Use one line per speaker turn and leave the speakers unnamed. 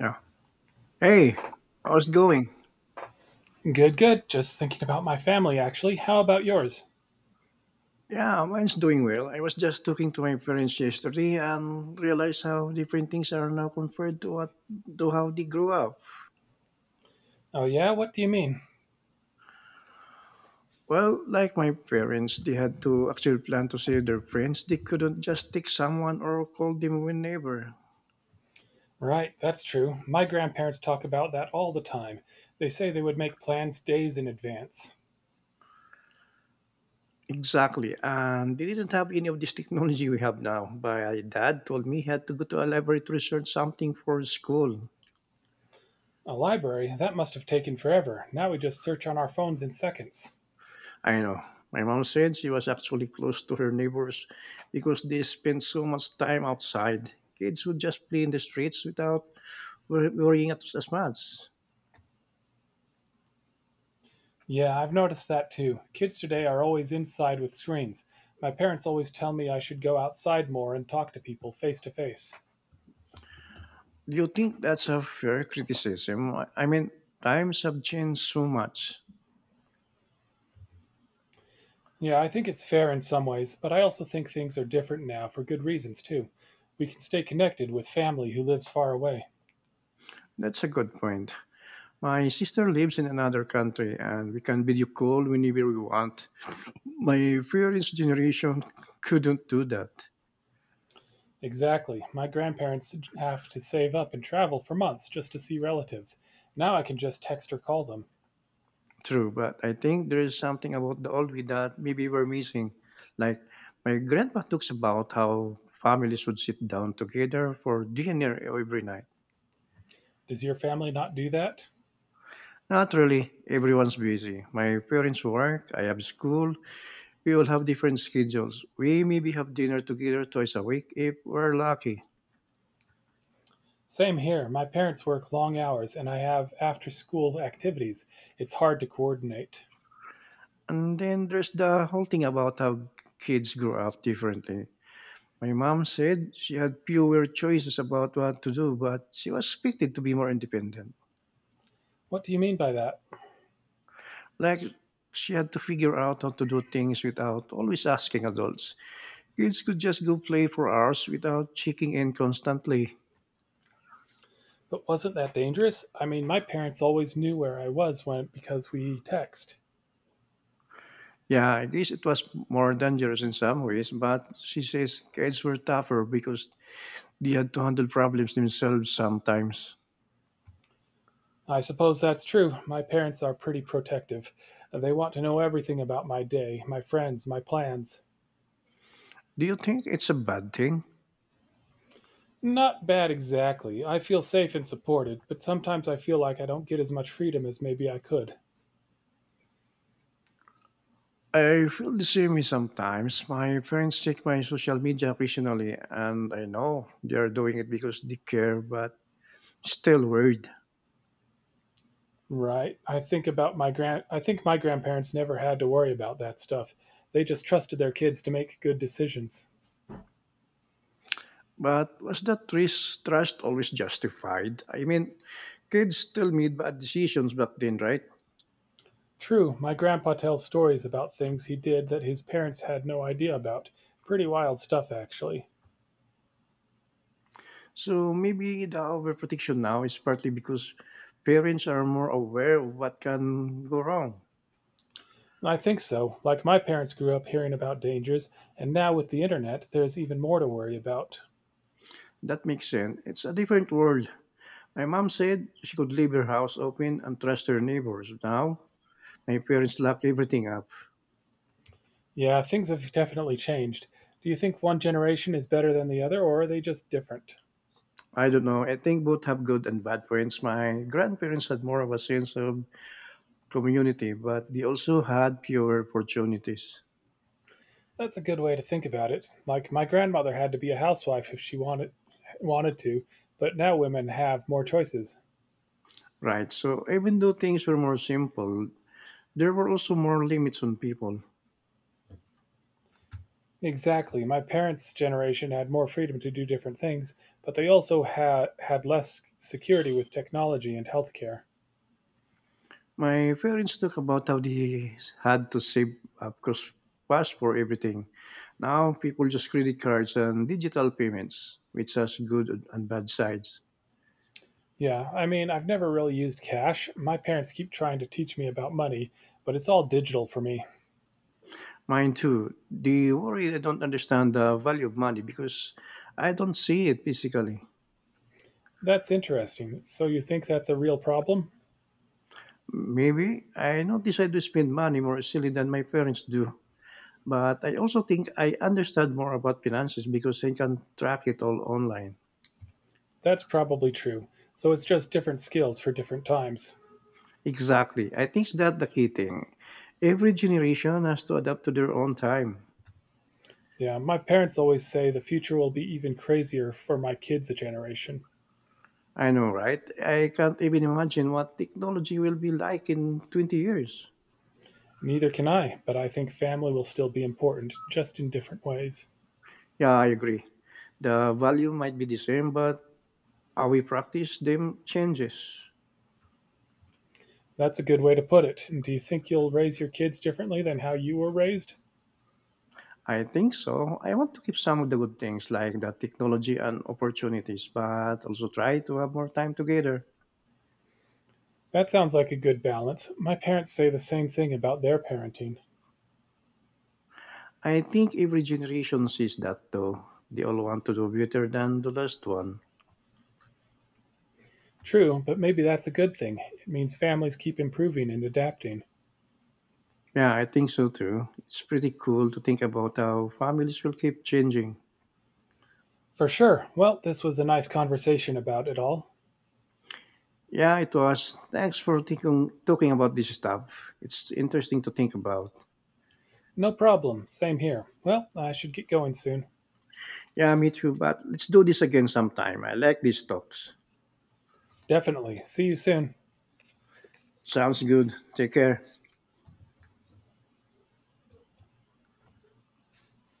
Yeah. Hey, how's it going?
Good, good. Just thinking about my family, actually. How about yours?
Yeah, mine's doing well. I was just talking to my parents yesterday and realized how different things are now compared to what to how they grew up.
Oh, yeah? What do you mean?
Well, like my parents, they had to actually plan to save their friends. They couldn't just take someone or call them whenever.
Right, that's true. My grandparents talk about that all the time. They say they would make plans days in advance.
Exactly. And they didn't have any of this technology we have now. My dad told me he had to go to a library to research something for school.
A library? That must have taken forever. Now we just search on our phones in seconds.
I know. My mom said she was actually close to her neighbors because they spent so much time outside. Kids would just play in the streets without worrying as much.
Yeah, I've noticed that too. Kids today are always inside with screens. My parents always tell me I should go outside more and talk to people face to face.
Do you think that's a fair criticism? I mean, times have changed so much.
Yeah, I think it's fair in some ways, but I also think things are different now for good reasons, too. We can stay connected with family who lives far away.
That's a good point. My sister lives in another country and we can video call whenever we want. My parents' generation couldn't do that.
Exactly. My grandparents have to save up and travel for months just to see relatives. Now I can just text or call them.
True, but I think there is something about the old we that maybe we're missing. Like my grandpa talks about how families would sit down together for dinner every night.
Does your family not do that?
Not really, everyone's busy. My parents work, I have school, we all have different schedules. We maybe have dinner together twice a week if we're lucky.
Same here. My parents work long hours and I have after school activities. It's hard to coordinate.
And then there's the whole thing about how kids grow up differently. My mom said she had fewer choices about what to do, but she was expected to be more independent.
What do you mean by that?
Like she had to figure out how to do things without always asking adults. Kids could just go play for hours without checking in constantly.
But wasn't that dangerous? I mean, my parents always knew where I was when because we text.
Yeah, at least it was more dangerous in some ways, but she says kids were tougher because they had to handle problems themselves sometimes.
I suppose that's true. My parents are pretty protective. They want to know everything about my day, my friends, my plans.
Do you think it's a bad thing?
Not bad exactly. I feel safe and supported, but sometimes I feel like I don't get as much freedom as maybe I could.
I feel the same way sometimes. My friends check my social media occasionally, and I know they are doing it because they care, but still worried.
Right. I think my grandparents never had to worry about that stuff. They just trusted their kids to make good decisions.
But was that risk trust always justified? I mean, kids still made bad decisions back then, right?
True, my grandpa tells stories about things he did that his parents had no idea about. Pretty wild stuff actually.
So maybe the overprotection now is partly because parents are more aware of what can go wrong.
I think so. Like my parents grew up hearing about dangers, and now with the internet, there's even more to worry about.
That makes sense. It's a different world. My mom said she could leave her house open and trust her neighbors. Now, my parents lock everything up.
Yeah, things have definitely changed. Do you think one generation is better than the other, or are they just different?
I don't know. I think both have good and bad points. My grandparents had more of a sense of community, but they also had fewer opportunities.
That's a good way to think about it. Like my grandmother had to be a housewife if she wanted to, but now women have more choices.
Right. So even though things were more simple, there were also more limits on people.
Exactly. My parents' generation had more freedom to do different things, but they also had less security with technology and healthcare.
My parents talk about how they had to save up because cash for everything. Now people just credit cards and digital payments, which has good and bad sides.
Yeah, I mean, I've never really used cash. My parents keep trying to teach me about money, but it's all digital for me.
Mine too. They worry I don't understand the value of money because I don't see it physically.
That's interesting. So you think that's a real problem?
Maybe I not decide to spend money more easily than my parents do. But I also think I understand more about finances because I can track it all online.
That's probably true. So it's just different skills for different times.
Exactly. I think that's the key thing. Every generation has to adapt to their own time.
Yeah, my parents always say the future will be even crazier for my kids' a generation.
I know, right? I can't even imagine what technology will be like in 20 years.
Neither can I, but I think family will still be important, just in different ways.
Yeah, I agree. The value might be the same, but how we practice them changes.
That's a good way to put it. Do you think you'll raise your kids differently than how you were raised?
I think so. I want to keep some of the good things like the technology and opportunities, but also try to have more time together.
That sounds like a good balance. My parents say the same thing about their parenting.
I think every generation sees that though. They all want to do better than the last one.
True, but maybe that's a good thing. It means families keep improving and adapting.
Yeah, I think so too. It's pretty cool to think about how families will keep changing.
For sure. Well, this was a nice conversation about it all.
Yeah, it was. Thanks for talking about this stuff. It's interesting to think about.
No problem. Same here. Well, I should get going soon.
Yeah, me too, but let's do this again sometime. I like these talks.
Definitely. See you soon.
Sounds good. Take care.